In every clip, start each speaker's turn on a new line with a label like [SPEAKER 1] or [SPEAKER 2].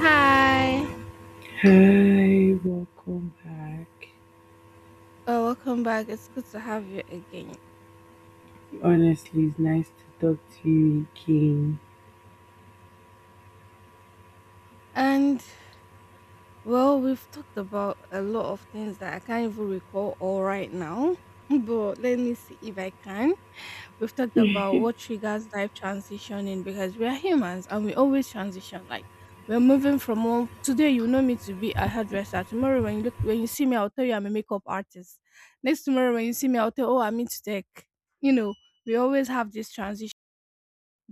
[SPEAKER 1] Hi.
[SPEAKER 2] Hi, welcome back.
[SPEAKER 1] Welcome back. It's good to have you again.
[SPEAKER 2] Honestly, it's nice to talk to you again.
[SPEAKER 1] And well, we've talked about a lot of things that I can't even recall all right now. But let me see if I can. We've talked about what triggers life transitioning because we are humans and we always transition. Like we're moving from one today, you know me to be a hairdresser. Tomorrow when you see me, I'll tell you I'm a makeup artist. Next tomorrow when you see me, I'll tell, oh, I'm into tech. You know, we always have this transition,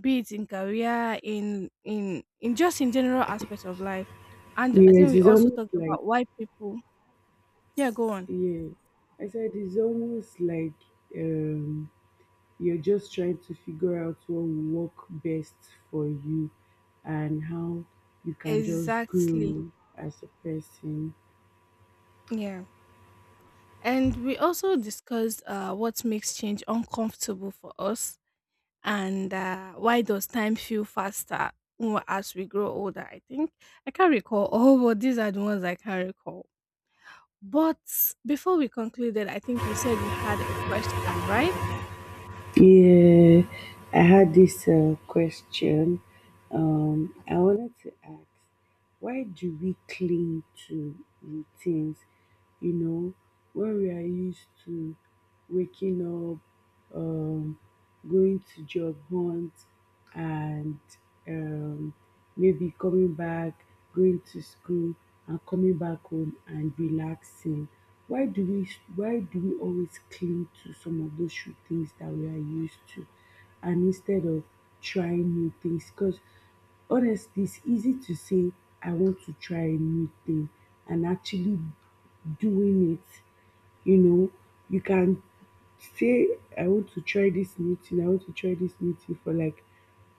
[SPEAKER 1] be it in career, in just in general aspects of life. And I think
[SPEAKER 2] Yes,
[SPEAKER 1] we
[SPEAKER 2] it's
[SPEAKER 1] also
[SPEAKER 2] almost
[SPEAKER 1] talked
[SPEAKER 2] like
[SPEAKER 1] about why people. Yeah, go on.
[SPEAKER 2] yeah. I said it's almost like um you're just trying to figure out what will work best for you and how you can just
[SPEAKER 1] Exactly.
[SPEAKER 2] grow as a person.
[SPEAKER 1] Yeah. And we also discussed what makes change uncomfortable for us, and why does time feel faster as we grow older, I think. I can't recall all, but these are the ones I can recall. But before we concluded, I think you said you had a question, right?
[SPEAKER 2] Yeah, I had this question. I wanted to ask, why do we cling to routines? You know, when we are used to waking up, going to job hunt and um, maybe coming back, going to school and coming back home and relaxing. Why do we why do we always cling to some of those shoe things that we are used to and instead of trying new things? Because honestly it's easy to say I want to try a new thing and actually doing it you know, you can say, I want to try this new thing, I want to try this new thing for like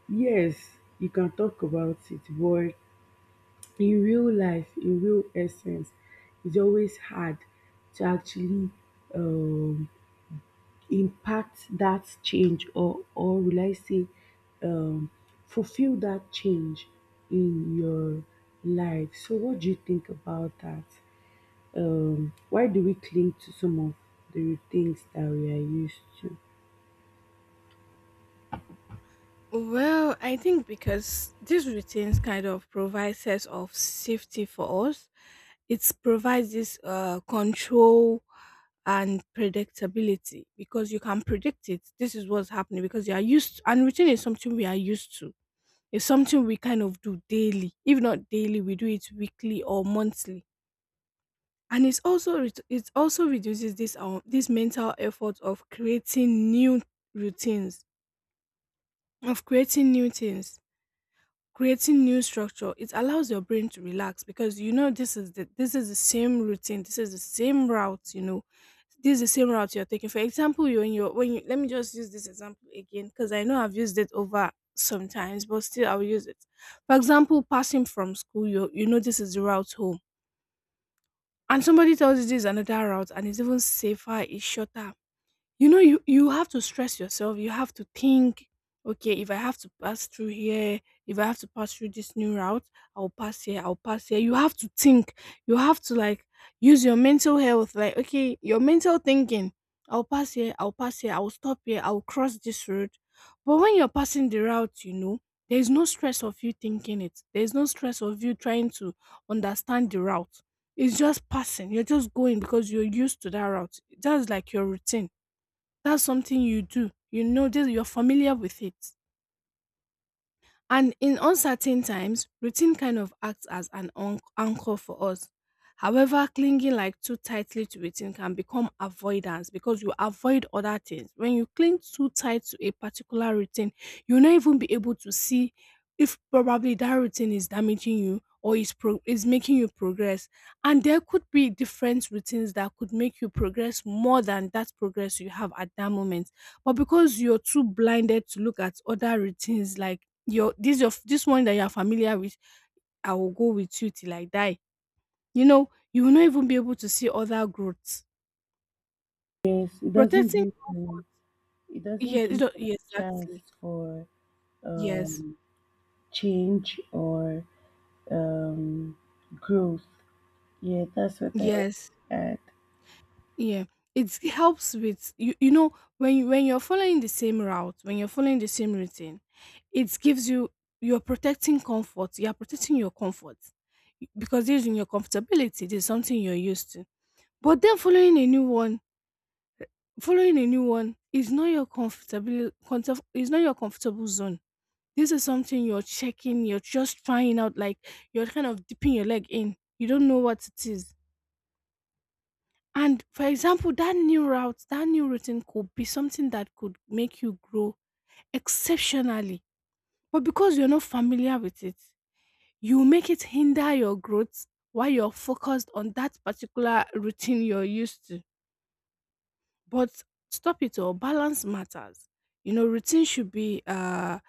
[SPEAKER 2] yes, you can talk about it, but in real life, in real essence, it's always hard to actually um impact that change or will I say um fulfill that change in your life. So what do you think about that? Why do we cling to some of the things that we are used to?
[SPEAKER 1] Well, I think because these routines kind of provide sense of safety for us. It provides this control and predictability because you can predict it. This is what's happening because you are used to, and routine is something we are used to. It's something we kind of do daily. If not daily, we do it weekly or monthly. And it's also it also reduces this this mental effort of creating new routines, of creating new things, creating new structure. It allows your brain to relax because you know this is the same routine, this is the same route, you know, this is the same route you're taking. For example, you when you when you let me just use this example again because I know I've used it over sometimes, but still I'll use it. For example, passing from school, you know this is the route home, and somebody tells you this is another route and it's even safer, it's shorter. You know, you have to stress yourself, you have to think, okay, if I have to pass through here, if I have to pass through this new route, I'll pass here, I'll pass here. You have to think, you have to, like, use your mental health, like, okay, your mental thinking. I'll pass here, I'll pass here, I'll stop here, I'll cross this road. But when you're passing the route, you know, there's no stress of you thinking it, there's no stress of you trying to understand the route. It's just passing, you're just going because you're used to that route. That's like your routine, that's something you do. You know this, you're familiar with it. And in uncertain times, routine kind of acts as an anchor for us. However, clinging, like, too tightly to routine can become avoidance because you avoid other things. When you cling too tight to a particular routine, you'll not even be able to see if probably that routine is damaging you or is is making you progress. And there could be different routines that could make you progress more than that progress you have at that moment. But because you're too blinded to look at other routines, like, your this, your this one that you are familiar with, "I will go with you till I die," you know, you will not even be able to see other growths.
[SPEAKER 2] Yes,
[SPEAKER 1] Protecting.
[SPEAKER 2] it
[SPEAKER 1] Yeah,
[SPEAKER 2] doesn't
[SPEAKER 1] it
[SPEAKER 2] give
[SPEAKER 1] don't- yeah,
[SPEAKER 2] like chance
[SPEAKER 1] exactly.
[SPEAKER 2] for
[SPEAKER 1] Yes.
[SPEAKER 2] change or um, growth. Yeah, that's what I want
[SPEAKER 1] Yes.
[SPEAKER 2] to add.
[SPEAKER 1] Yeah, it helps with you, you know, when you're following the same route, when you're following the same routine, it gives you, you're protecting your comfort, because this is in your comfortability, this is something you're used to. But then, following a new one. Following a new one is not your comfortable is not your comfortable zone. This is something you're checking, you're just trying out, like, you're kind of dipping your leg in. You don't know what it is. And for example, that new route, that new routine could be something that could make you grow exceptionally. But because you're not familiar with it, you make it hinder your growth while you're focused on that particular routine you're used to. But stop it all. Balance matters. You know, routine should be. Uh,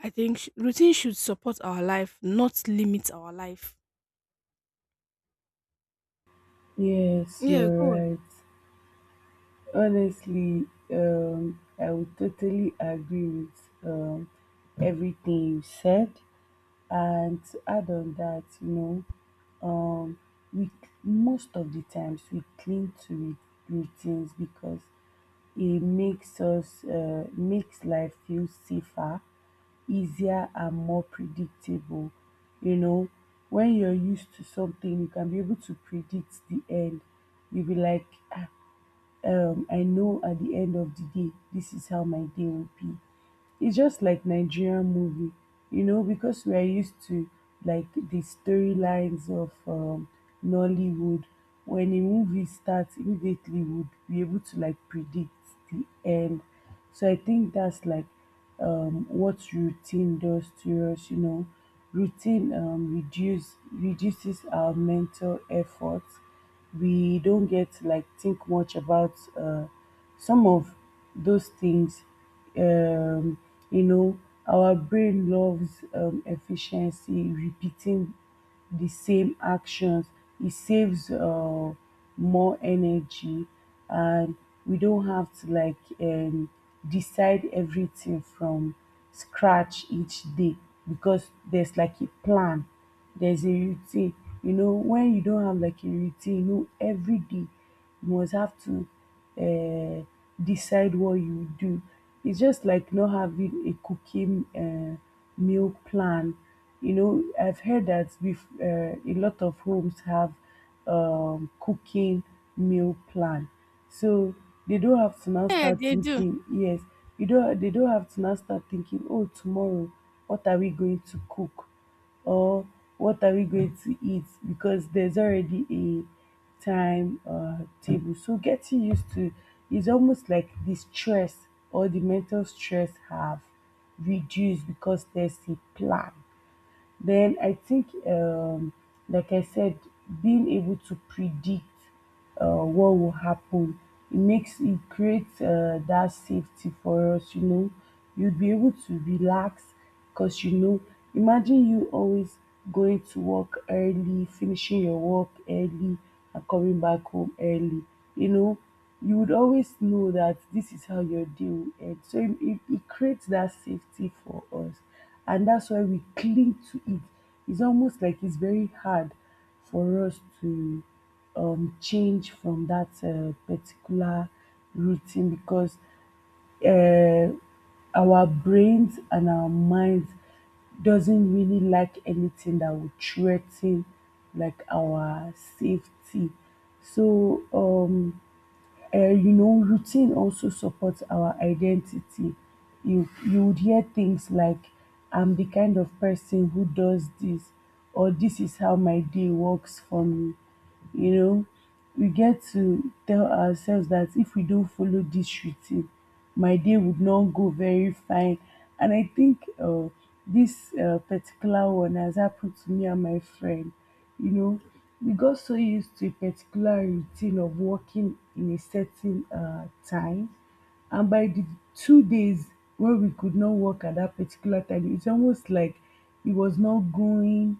[SPEAKER 1] I think routine should support our life, not limit our life.
[SPEAKER 2] Yes,
[SPEAKER 1] Yeah,
[SPEAKER 2] you're
[SPEAKER 1] go on.
[SPEAKER 2] right. Honestly, I would totally agree with everything you said. And to add on that, you know, um we most of the times we cling to routines because it makes us makes life feel safer, easier and more predictable. You know, when you're used to something, you can be able to predict the end. You'll be like, "Ah, I know at the end of the day, this is how my day will be. It's just like Nigerian movie, you know, because we are used to like the storylines of Nollywood. When a movie starts, immediately would be able to like predict the end. So I think that's like what routine does to us, you know. Routine reduces our mental effort, we don't get like think much about some of those things. Um, you know, our brain loves efficiency, repeating the same actions. It saves more energy, and we don't have to like decide everything from scratch each day because there's like a plan, there's a routine. You know, when you don't have like a routine, you know, every day you must have to decide what you do. It's just like not having a cooking meal plan. You know, I've heard that with a lot of homes have cooking meal plan. So they don't have to now
[SPEAKER 1] Yeah,
[SPEAKER 2] start
[SPEAKER 1] they do.
[SPEAKER 2] thinking, yes, you don't they don't have to now start thinking, oh, tomorrow, what are we going to cook? Or what are we going to eat because there's already a time table. So getting used to is almost like the stress or the mental stress have reduced because there's a plan. Then I think, like I said, being able to predict what will happen, it creates that safety for us. You know, you'd be able to relax because you know, imagine you always going to work early, finishing your work early, and coming back home early. You know, you would always know that this is how your day will end. So it creates that safety for us. And that's why we cling to it. It's almost like it's very hard for us to change from that particular routine because uh, our brains and our minds doesn't really like anything that would threaten like our safety. so um you know, routine also supports our identity. You would hear things like, "I'm the kind of person who does this," or "This is how my day works for me." You know, we get to tell ourselves that if we don't follow this routine, my day would not go very fine. And I think this particular one has happened to me and my friend. You know, we got so used to a particular routine of working in a certain time. And by the 2 days where we could not work at that particular time, it's almost like it was not going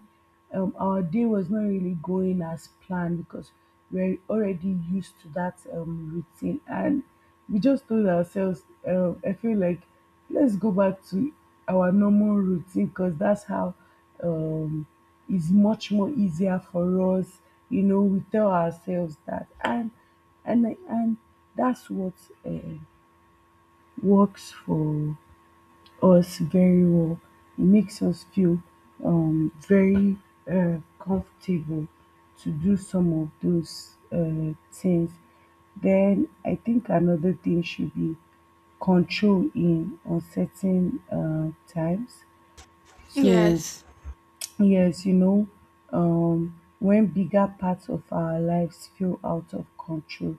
[SPEAKER 2] um, our day was not really going as planned because we're already used to that routine and we just told ourselves, I feel like let's go back to our normal routine because that's how um, it's much more easier for us." You know we tell ourselves that, and that's what uh, works for us very well. It makes us feel very comfortable to do some of those things. Then I think another thing should be control in uncertain times. So,
[SPEAKER 1] Yes.
[SPEAKER 2] yes, you know, when bigger parts of our lives feel out of control,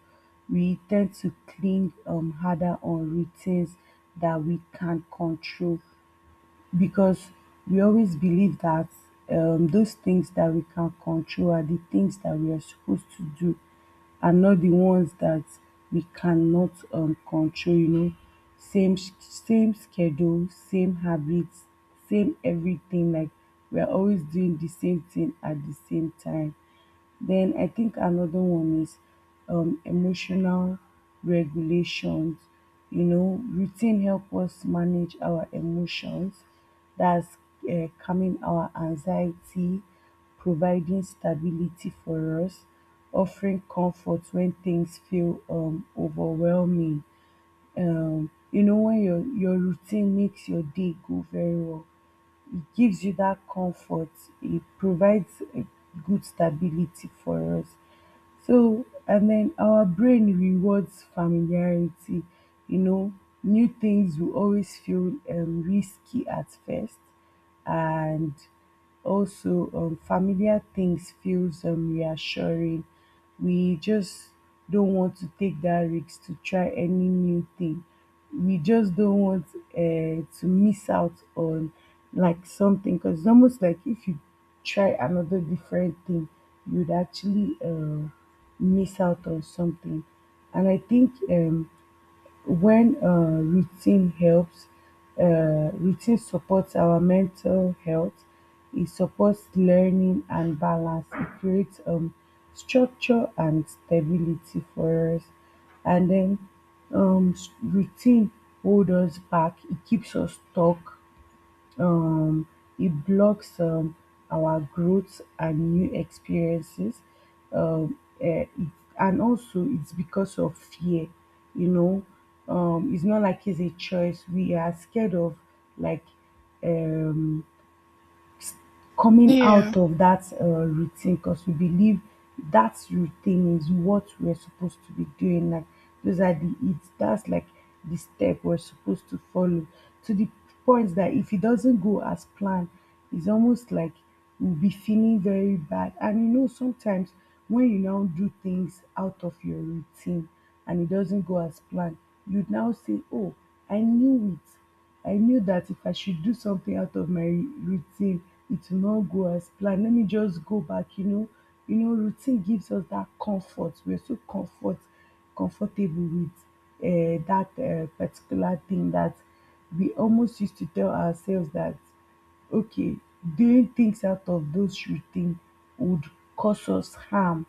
[SPEAKER 2] we tend to cling harder on routines that we can control because we always believe that those things that we can control are the things that we are supposed to do and not the ones that we cannot control, you know. Same schedule, same habits, same everything. Like we are always doing the same thing at the same time. Then I think another one is emotional regulations. You know, routine help us manage our emotions. That's calming our anxiety, providing stability for us, offering comfort when things feel overwhelming. You know, when your routine makes your day go very well, it gives you that comfort, it provides a good stability for us. So, and then our brain rewards familiarity. You know, new things will always feel risky at first, and also familiar things feels reassuring. We just don't want to take that risk to try any new thing, we just don't want to miss out on like something because it's almost like if you try another different thing you'd actually miss out on something. And I think when routine helps Routine supports our mental health, it supports learning and balance, it creates structure and stability for us. And then routine hold us back, it keeps us stuck. um it blocks our growth and new experiences. um eh, it, and also it's because of fear, you know. It's not like it's a choice, we are scared of like um coming
[SPEAKER 1] Yeah.
[SPEAKER 2] out of that routine because we believe that routine is what we're supposed to be doing. Like those are the it's that's like the step we're supposed to follow, to the point that if it doesn't go as planned, it's almost like we'll be feeling very bad. And you know sometimes when you now do things out of your routine and it doesn't go as planned, you would now say, "Oh, I knew it. I knew that if I should do something out of my routine, it will not go as planned. Let me just go back," you know. You know, routine gives us that comfort. We're so comfortable with that particular thing, that we almost used to tell ourselves that okay, doing things out of those routine would cause us harm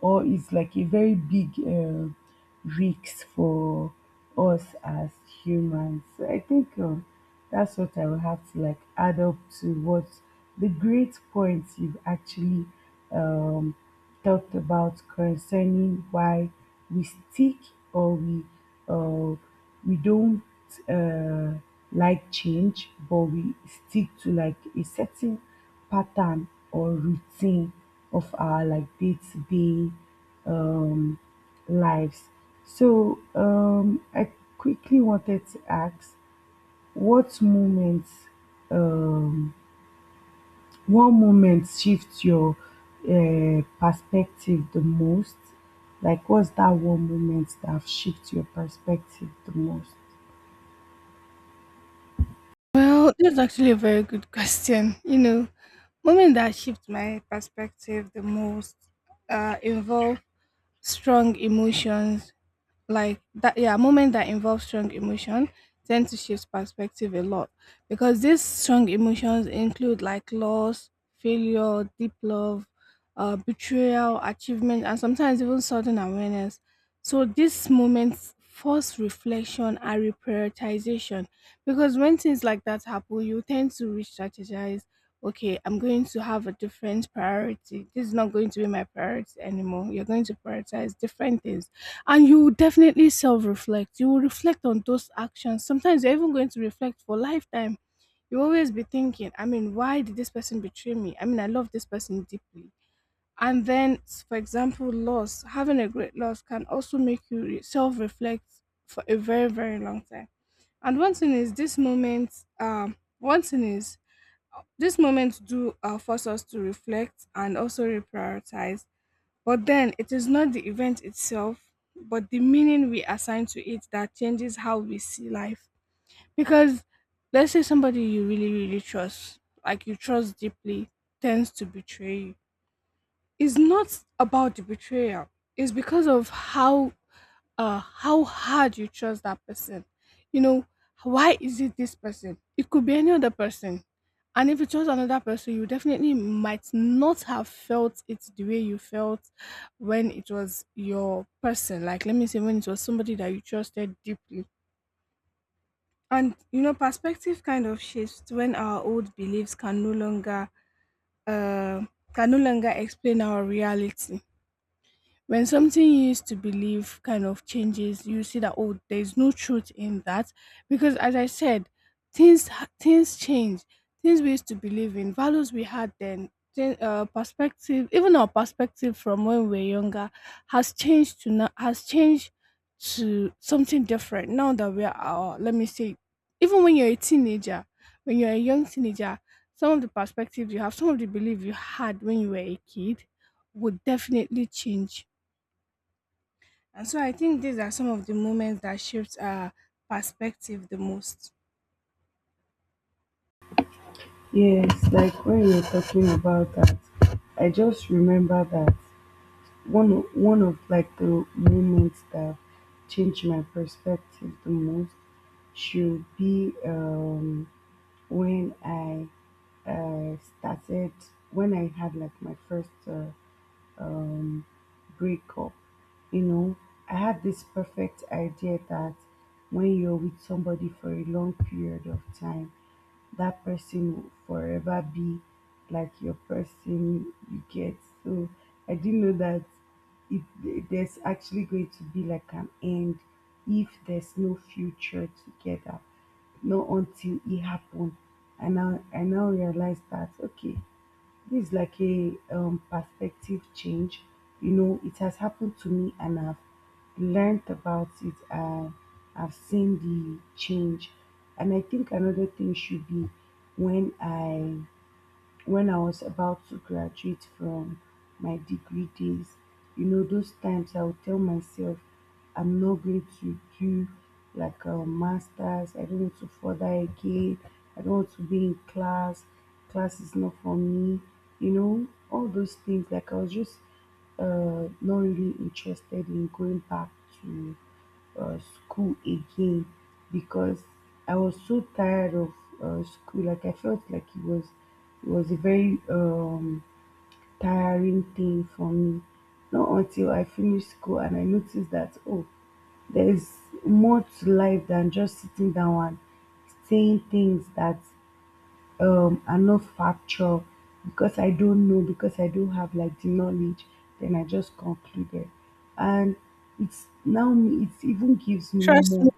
[SPEAKER 2] or is like a very big risk for us as humans. So I think that's what I will have to like add up to what the great points you've actually um, talked about concerning why we stick, or we uh, don't uh, like change, but we stick to like a certain pattern or routine of our like day to day um, lives. So I quickly wanted to ask, what moments um, one moment shifts your perspective the most? Like what's that one moment that shift your perspective the most?
[SPEAKER 1] Well, that's actually a very good question. You know, moment that shifts my perspective the most involve strong emotions, like, that, yeah, moment that involves strong emotion tend to shift perspective a lot, because these strong emotions include, like, loss, failure, deep love, betrayal, achievement, and sometimes even sudden awareness. So these moments force reflection and reprioritization, because when things like that happen, you tend to re-strategize. Okay, I'm going to have a different priority, this is not going to be my priority anymore, you're going to prioritize different things. And you will definitely self reflect. You will reflect on those actions. Sometimes you're even going to reflect for lifetime. You always be thinking, I mean, why did this person betray me? I mean, I love this person deeply. And then, for example, loss, having a great loss can also make you self reflect for a very, very long time. And one thing is this moment, um, one thing is do force us to reflect and also reprioritize. But then, it is not the event itself, but the meaning we assign to it that changes how we see life. Because let's say somebody you really, really trust, like you trust deeply, tends to betray you. It's not about the betrayal, it's because of how hard you trust that person. You know, why is it this person? It could be any other person. And if you trust another person, you definitely might not have felt it the way you felt when it was your person, like, let me say, when it was somebody that you trusted deeply. And you know, perspective kind of shifts when our old beliefs can no longer, uh, explain our reality. When something you used to believe kind of changes, you see that, oh, there's no truth in that, because as I said, things things change. Things we used to believe in, values we had then, perspective, even our perspective from when we were younger, has changed to now, has changed to something different now that we are. Let me say, even when you're a teenager, when you're a young teenager, some of the perspectives you have, some of the belief you had when you were a kid, would definitely change. And so I think these are some of the moments that shaped our perspective the most.
[SPEAKER 2] Yes, like when you're talking about that, I just remember that one of like the moments that changed my perspective the most should be when I started when I had like my first break up. You know, I had this perfect idea that when you're with somebody for a long period of time, that person will forever be like your person you get. So I didn't know that there's actually going to be like an end if there's no future together, not until it happened. And now I now realize that okay, this is like a perspective change. You know, it has happened to me and I've learned about it. I've seen the change. And I think another thing should be when I when I was about to graduate from my degree days, you know, those times I would tell myself I'm not going to do like a master's, I don't want to further again, I don't want to be in class, class is not for me, you know, all those things. Like I was just not really interested in going back to school again because I was so tired of school. Like I felt like it was a very tiring thing for me. Not until I finished school and I noticed that oh, there's more to life than just sitting down and saying things that and not factual because I don't know, because I don't have like the knowledge, then I just concluded. And it's now me it even gives me
[SPEAKER 1] Trust me,
[SPEAKER 2] more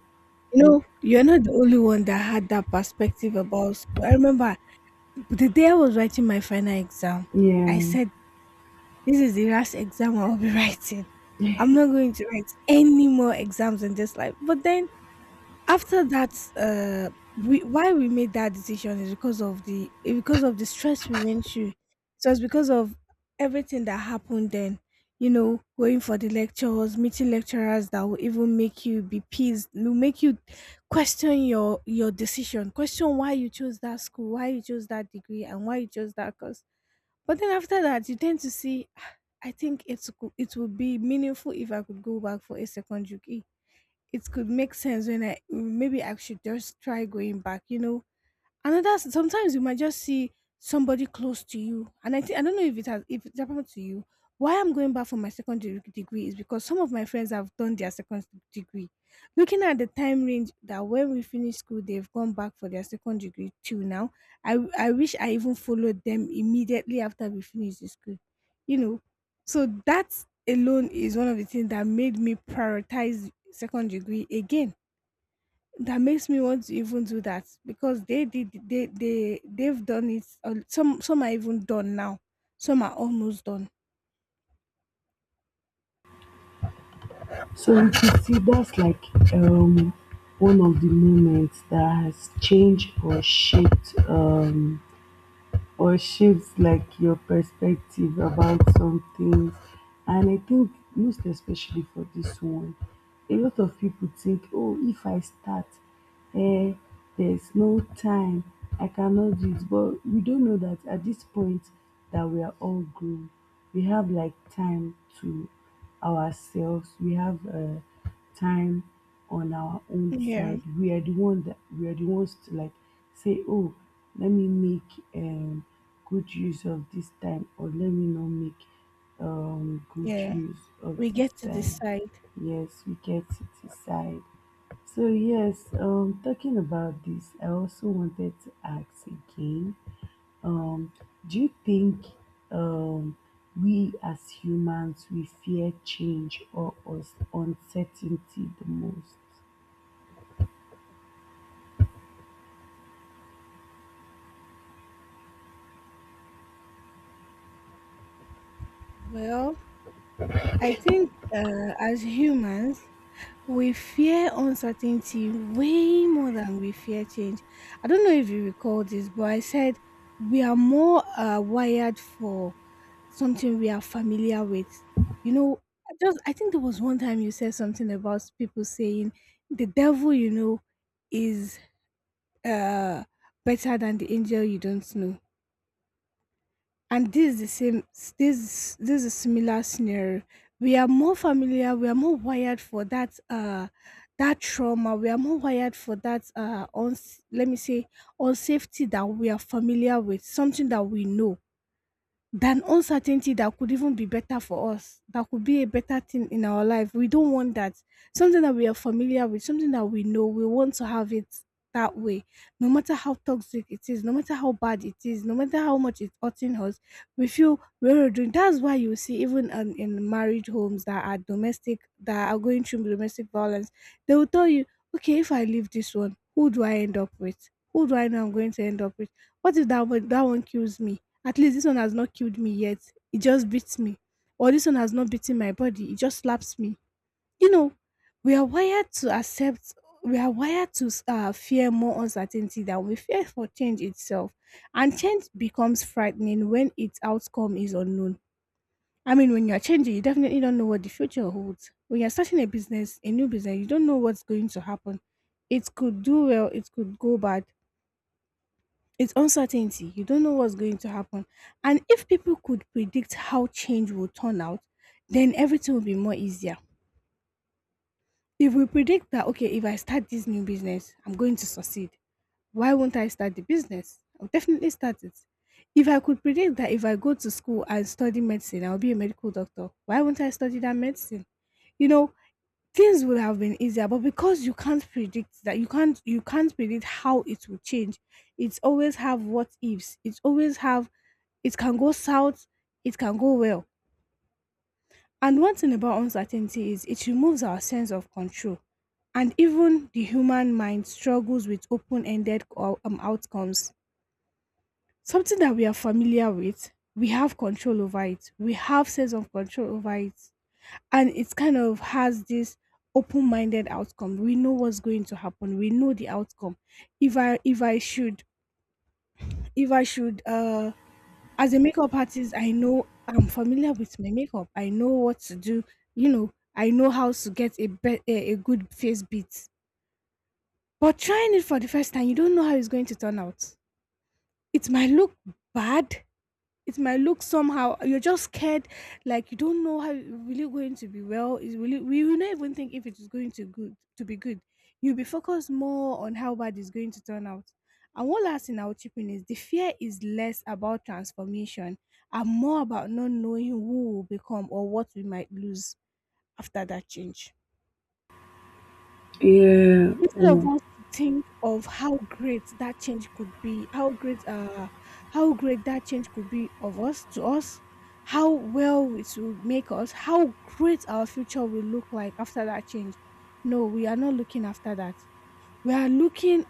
[SPEAKER 1] you know, you're not the only one that had that perspective about school. I remember the day I was writing my final exam,
[SPEAKER 2] yeah.
[SPEAKER 1] I said, "This is the last exam I'll be writing. I'm not going to write any more exams in this life." But then, after that, we why we made that decision is because of the, stress we went through, so it's because of everything that happened then. You know, going for the lectures, meeting lecturers that will even make you be pissed, will make you question your decision, question why you chose that school, why you chose that degree, and why you chose that course. But then, after that, you tend to see, "Ah, I think it would be meaningful if I could go back for a second degree. It could make sense. When I Maybe I should just try going back, you know." Another, sometimes you might just see somebody close to you, and I don't know if it happened to you. Why I'm going back for my second degree is because some of my friends have done their second degree. Looking at the time range that when we finish school, they've gone back for their second degree till now. I wish I even followed them immediately after we finished the school, you know. So that alone is one of the things that made me prioritize second degree again, that makes me want to even do that because they did they they've done it, some are even done now, some are almost done.
[SPEAKER 2] So you can see that's like um one of the moments that has changed or shaped or shapes like your perspective about some things. And I think most especially for this one, a lot of people think, oh, if I start, eh, there's no time, I cannot do it. But we don't know that at this point that we are all grown, we have like time to ourselves, we have time on our own
[SPEAKER 1] Yeah.
[SPEAKER 2] side we are the ones to like say oh let me make good use of this time or let me not make good
[SPEAKER 1] Yeah,
[SPEAKER 2] use of
[SPEAKER 1] we
[SPEAKER 2] this
[SPEAKER 1] get to
[SPEAKER 2] time.
[SPEAKER 1] decide.
[SPEAKER 2] Yes, we get to decide. So yes, talking about this I also wanted to ask again, um do you think um we as humans we fear change or us uncertainty the most?
[SPEAKER 1] Well, I think, as humans, we fear uncertainty way more than we fear change. I don't know if you recall this, but I said we are more wired for something we are familiar with. You know, I think there was one time you said something about people saying the devil is uh better than the angel you don't know. And this is the same this this is a similar scenario. We are more familiar, we are more wired for that trauma, we are more wired for that, on let me say, unsafety that we are familiar with, something that we know than uncertainty that could even be better for us, that could be a better thing in our life. We don't want that. Something that we are familiar with, something that we know, we want to have it that way. No matter how toxic it is, no matter how bad it is, no matter how much it's hurting us, we feel when we're doing that's why you see even in married homes that are going through domestic violence. They will tell you, okay, if I leave this one, who do I end up with? Who do I know I'm going to end up with? What if that one kills me? At least this one has not killed me yet. It just beats me. Or this one has not beaten my body. It just slaps me. You know, we are wired to accept, we are wired to fear more uncertainty than we fear for change itself. And change becomes frightening when its outcome is unknown. I mean, when you're changing, you definitely don't know what the future holds. When you're starting a business, a new business, you don't know what's going to happen. It could do well, it could go bad. It's uncertainty. You don't know what's going to happen. And if people could predict how change will turn out, then everything will be more easier. If we predict that, okay, if I start this new business, I'm going to succeed, why won't I start the business? I'll definitely start it. If I could predict that if I go to school and study medicine, I'll be a medical doctor, why won't I study that medicine? You know, things would have been easier, but because you can't predict that, you can't predict how it will change. It's always have what ifs. It's always have it can go south, it can go well. And one thing about uncertainty is it removes our sense of control. And even the human mind struggles with open-ended outcomes. Something that we are familiar with, we have control over it, we have sense of control over it. And it's kind of has this open-minded outcome, we know what's going to happen, we know the outcome. If i if i should if I should As a makeup artist, I know, I'm familiar with my makeup, I know what to do. I know how to get a good face beat. But trying it for the first time, you don't know how it's going to turn out. It might look bad, it might look somehow. You're just scared. Like, you don't know how really going to be well is really, we will not even think if it is going to good to be good. You'll be focused more on how bad it's going to turn out. And one last thing I'll chip in is the fear is less about transformation and more about not knowing who will become or what we might lose after that change.
[SPEAKER 2] Yeah,
[SPEAKER 1] Instead of us to think of how great that change could be, how great that change could be of us to us, how well it will make us, how great our future will look like after that change. No, we are not looking after that. We are looking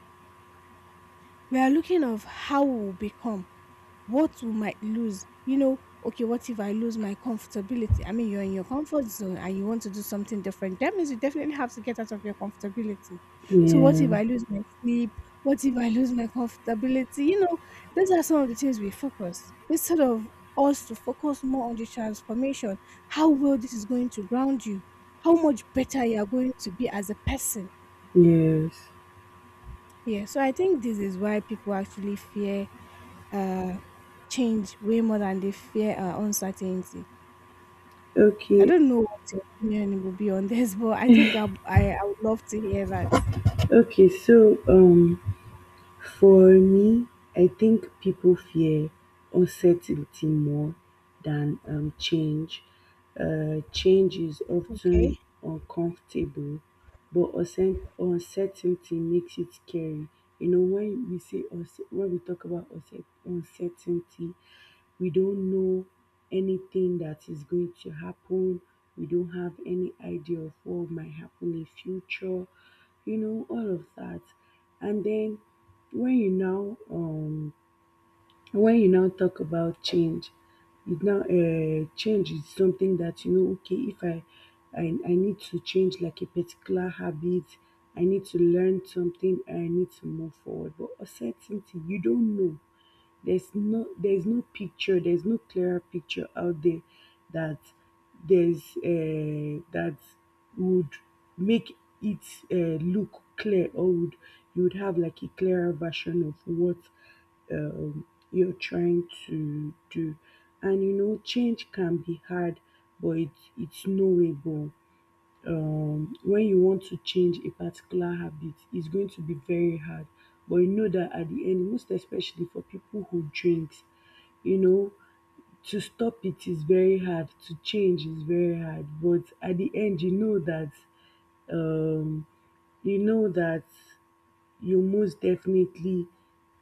[SPEAKER 1] we are looking of how we will become what we might lose. Okay, what if I lose my comfortability? I mean, you're in your comfort zone and you want to do something different. That means you definitely have to get out of your comfortability. So, what
[SPEAKER 2] yeah,
[SPEAKER 1] if I lose my sleep? What if I lose my comfortability? Those are some of the things we focus instead of us to focus more on the transformation, how well this is going to ground you, how much better you are going to be as a person.
[SPEAKER 2] yes.
[SPEAKER 1] Yeah, so I think this is why people actually fear uh, change way more than they fear uncertainty. I
[SPEAKER 2] Okay,
[SPEAKER 1] don't know what your opinion will be on this, but I think I would love to hear that.
[SPEAKER 2] okay. So, for me, I think people fear uncertainty more than change. Change is
[SPEAKER 1] Okay.
[SPEAKER 2] often uncomfortable, but uncertainty makes it scary. You know, when we say when we talk about uncertainty, we don't know anything that is going to happen. We don't have any idea of what might happen in future. You know, all of that. And then when you now um when you now talk about change, it now change is something that you know okay if I need to change like a particular habit, I need to learn something, I need to move forward. But uncertainty you don't know, there's no picture, there's no clearer picture out there that there's that would make it look clear or would you would have like a clearer version of what you're trying to do. And you know, change can be hard, but it's knowable. When you want to change a particular habit, it's going to be very hard. But you know that at the end, most especially for people who drinks, you know, to stop it is very hard, to change is very hard. But at the end, you know that um, you know that you most definitely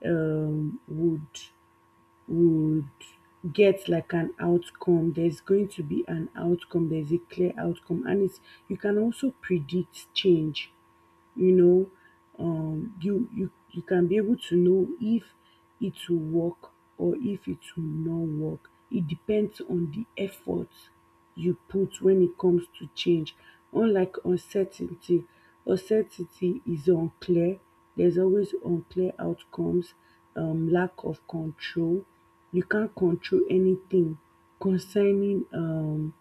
[SPEAKER 2] um, would would get like an outcome. There's going to be an outcome, there's a clear outcome, and it's, you can also predict change, you know, you can be able to know if it will work or if it will not work. It depends on the effort you put when it comes to change, unlike uncertainty. Uncertainty is unclear, there's always unclear outcomes, lack of control, you can't control anything concerning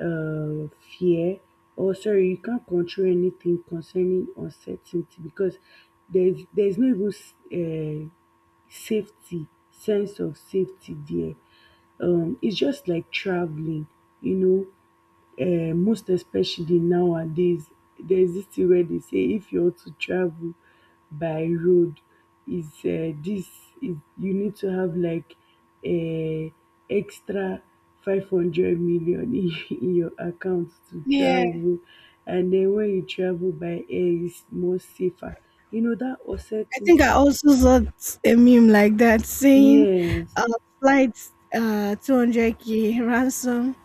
[SPEAKER 2] um fear or sorry, you can't control anything concerning uncertainty because there's no even safety, sense of safety there. It's just like traveling, you know, most especially nowadays, there's this thing wey dey say if you want to travel by road is this is you need to have like um extra 500 million in in your account to
[SPEAKER 1] Yeah,
[SPEAKER 2] travel, and then when you travel by air it's more safer. You know that
[SPEAKER 1] I
[SPEAKER 2] uncertainty
[SPEAKER 1] think I also saw a meme like that saying,
[SPEAKER 2] yes.
[SPEAKER 1] uh, flight 200K ransom.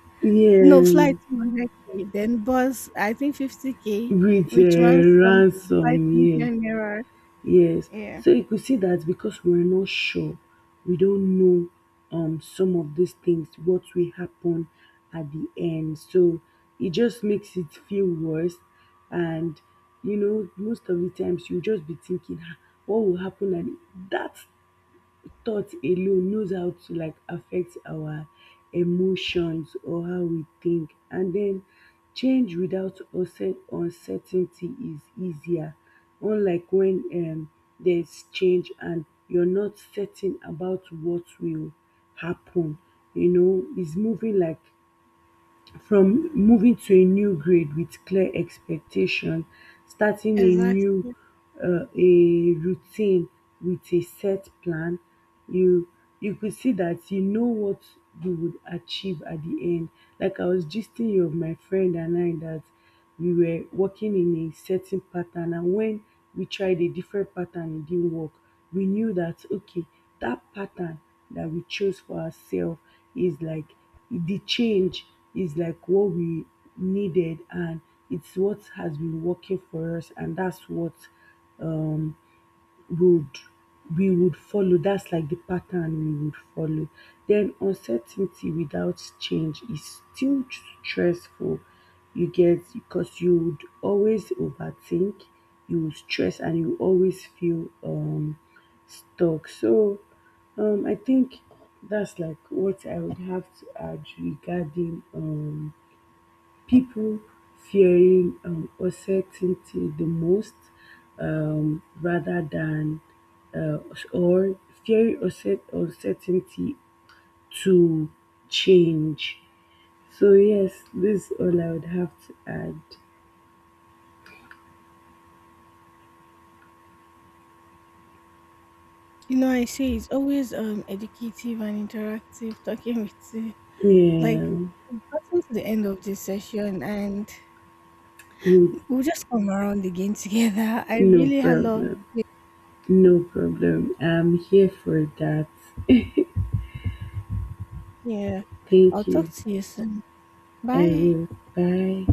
[SPEAKER 1] No, flight
[SPEAKER 2] Yes,
[SPEAKER 1] 200K, then bus, I think 50K,
[SPEAKER 2] with
[SPEAKER 1] which ransom 5
[SPEAKER 2] ransom, yes.
[SPEAKER 1] million naira.
[SPEAKER 2] Yes.
[SPEAKER 1] Yeah,
[SPEAKER 2] So you could see that because we're not sure, we don't know some of these things, what will happen at the end. So it just makes it feel worse. And you know, most of the times you just be thinking "Ah, what will happen at the-" that thought alone knows how to like affect our emotions or how we think. And then change without uncertainty is easier, unlike when there's change and you're not certain about what will happen. You know, it's moving like from moving to a new grade with clear expectation, starting a new
[SPEAKER 1] exactly.
[SPEAKER 2] a routine with a set plan, you you could see that you know what you would achieve at the end. Like I was gisting you of my friend and I that we were working in a certain pattern, and when we tried a different pattern it didn't work. We knew that okay, that pattern that we chose for ourselves is like the change, is like what we needed, and it's what has been working for us, and that's what would we would follow, that's like the pattern we would follow. Then uncertainty without change is still stressful, you get, because you would always overthink, you would stress and you always feel stuck. So I think that's like what I would have to add regarding people fearing uncertainty the most, rather than uh, or fearing uncertainty to change. So yes, this is all I would have to add.
[SPEAKER 1] I say it's always educative and interactive talking with you.
[SPEAKER 2] Yeah,
[SPEAKER 1] Like we've gotten to the end of this session and
[SPEAKER 2] mm,
[SPEAKER 1] we'll just come around again together. I
[SPEAKER 2] no
[SPEAKER 1] really had love.
[SPEAKER 2] problem. No problem. I'm here for that.
[SPEAKER 1] Yeah. I'll
[SPEAKER 2] Thank
[SPEAKER 1] talk
[SPEAKER 2] you.
[SPEAKER 1] to you soon.
[SPEAKER 2] I
[SPEAKER 1] Bye.
[SPEAKER 2] will. Bye.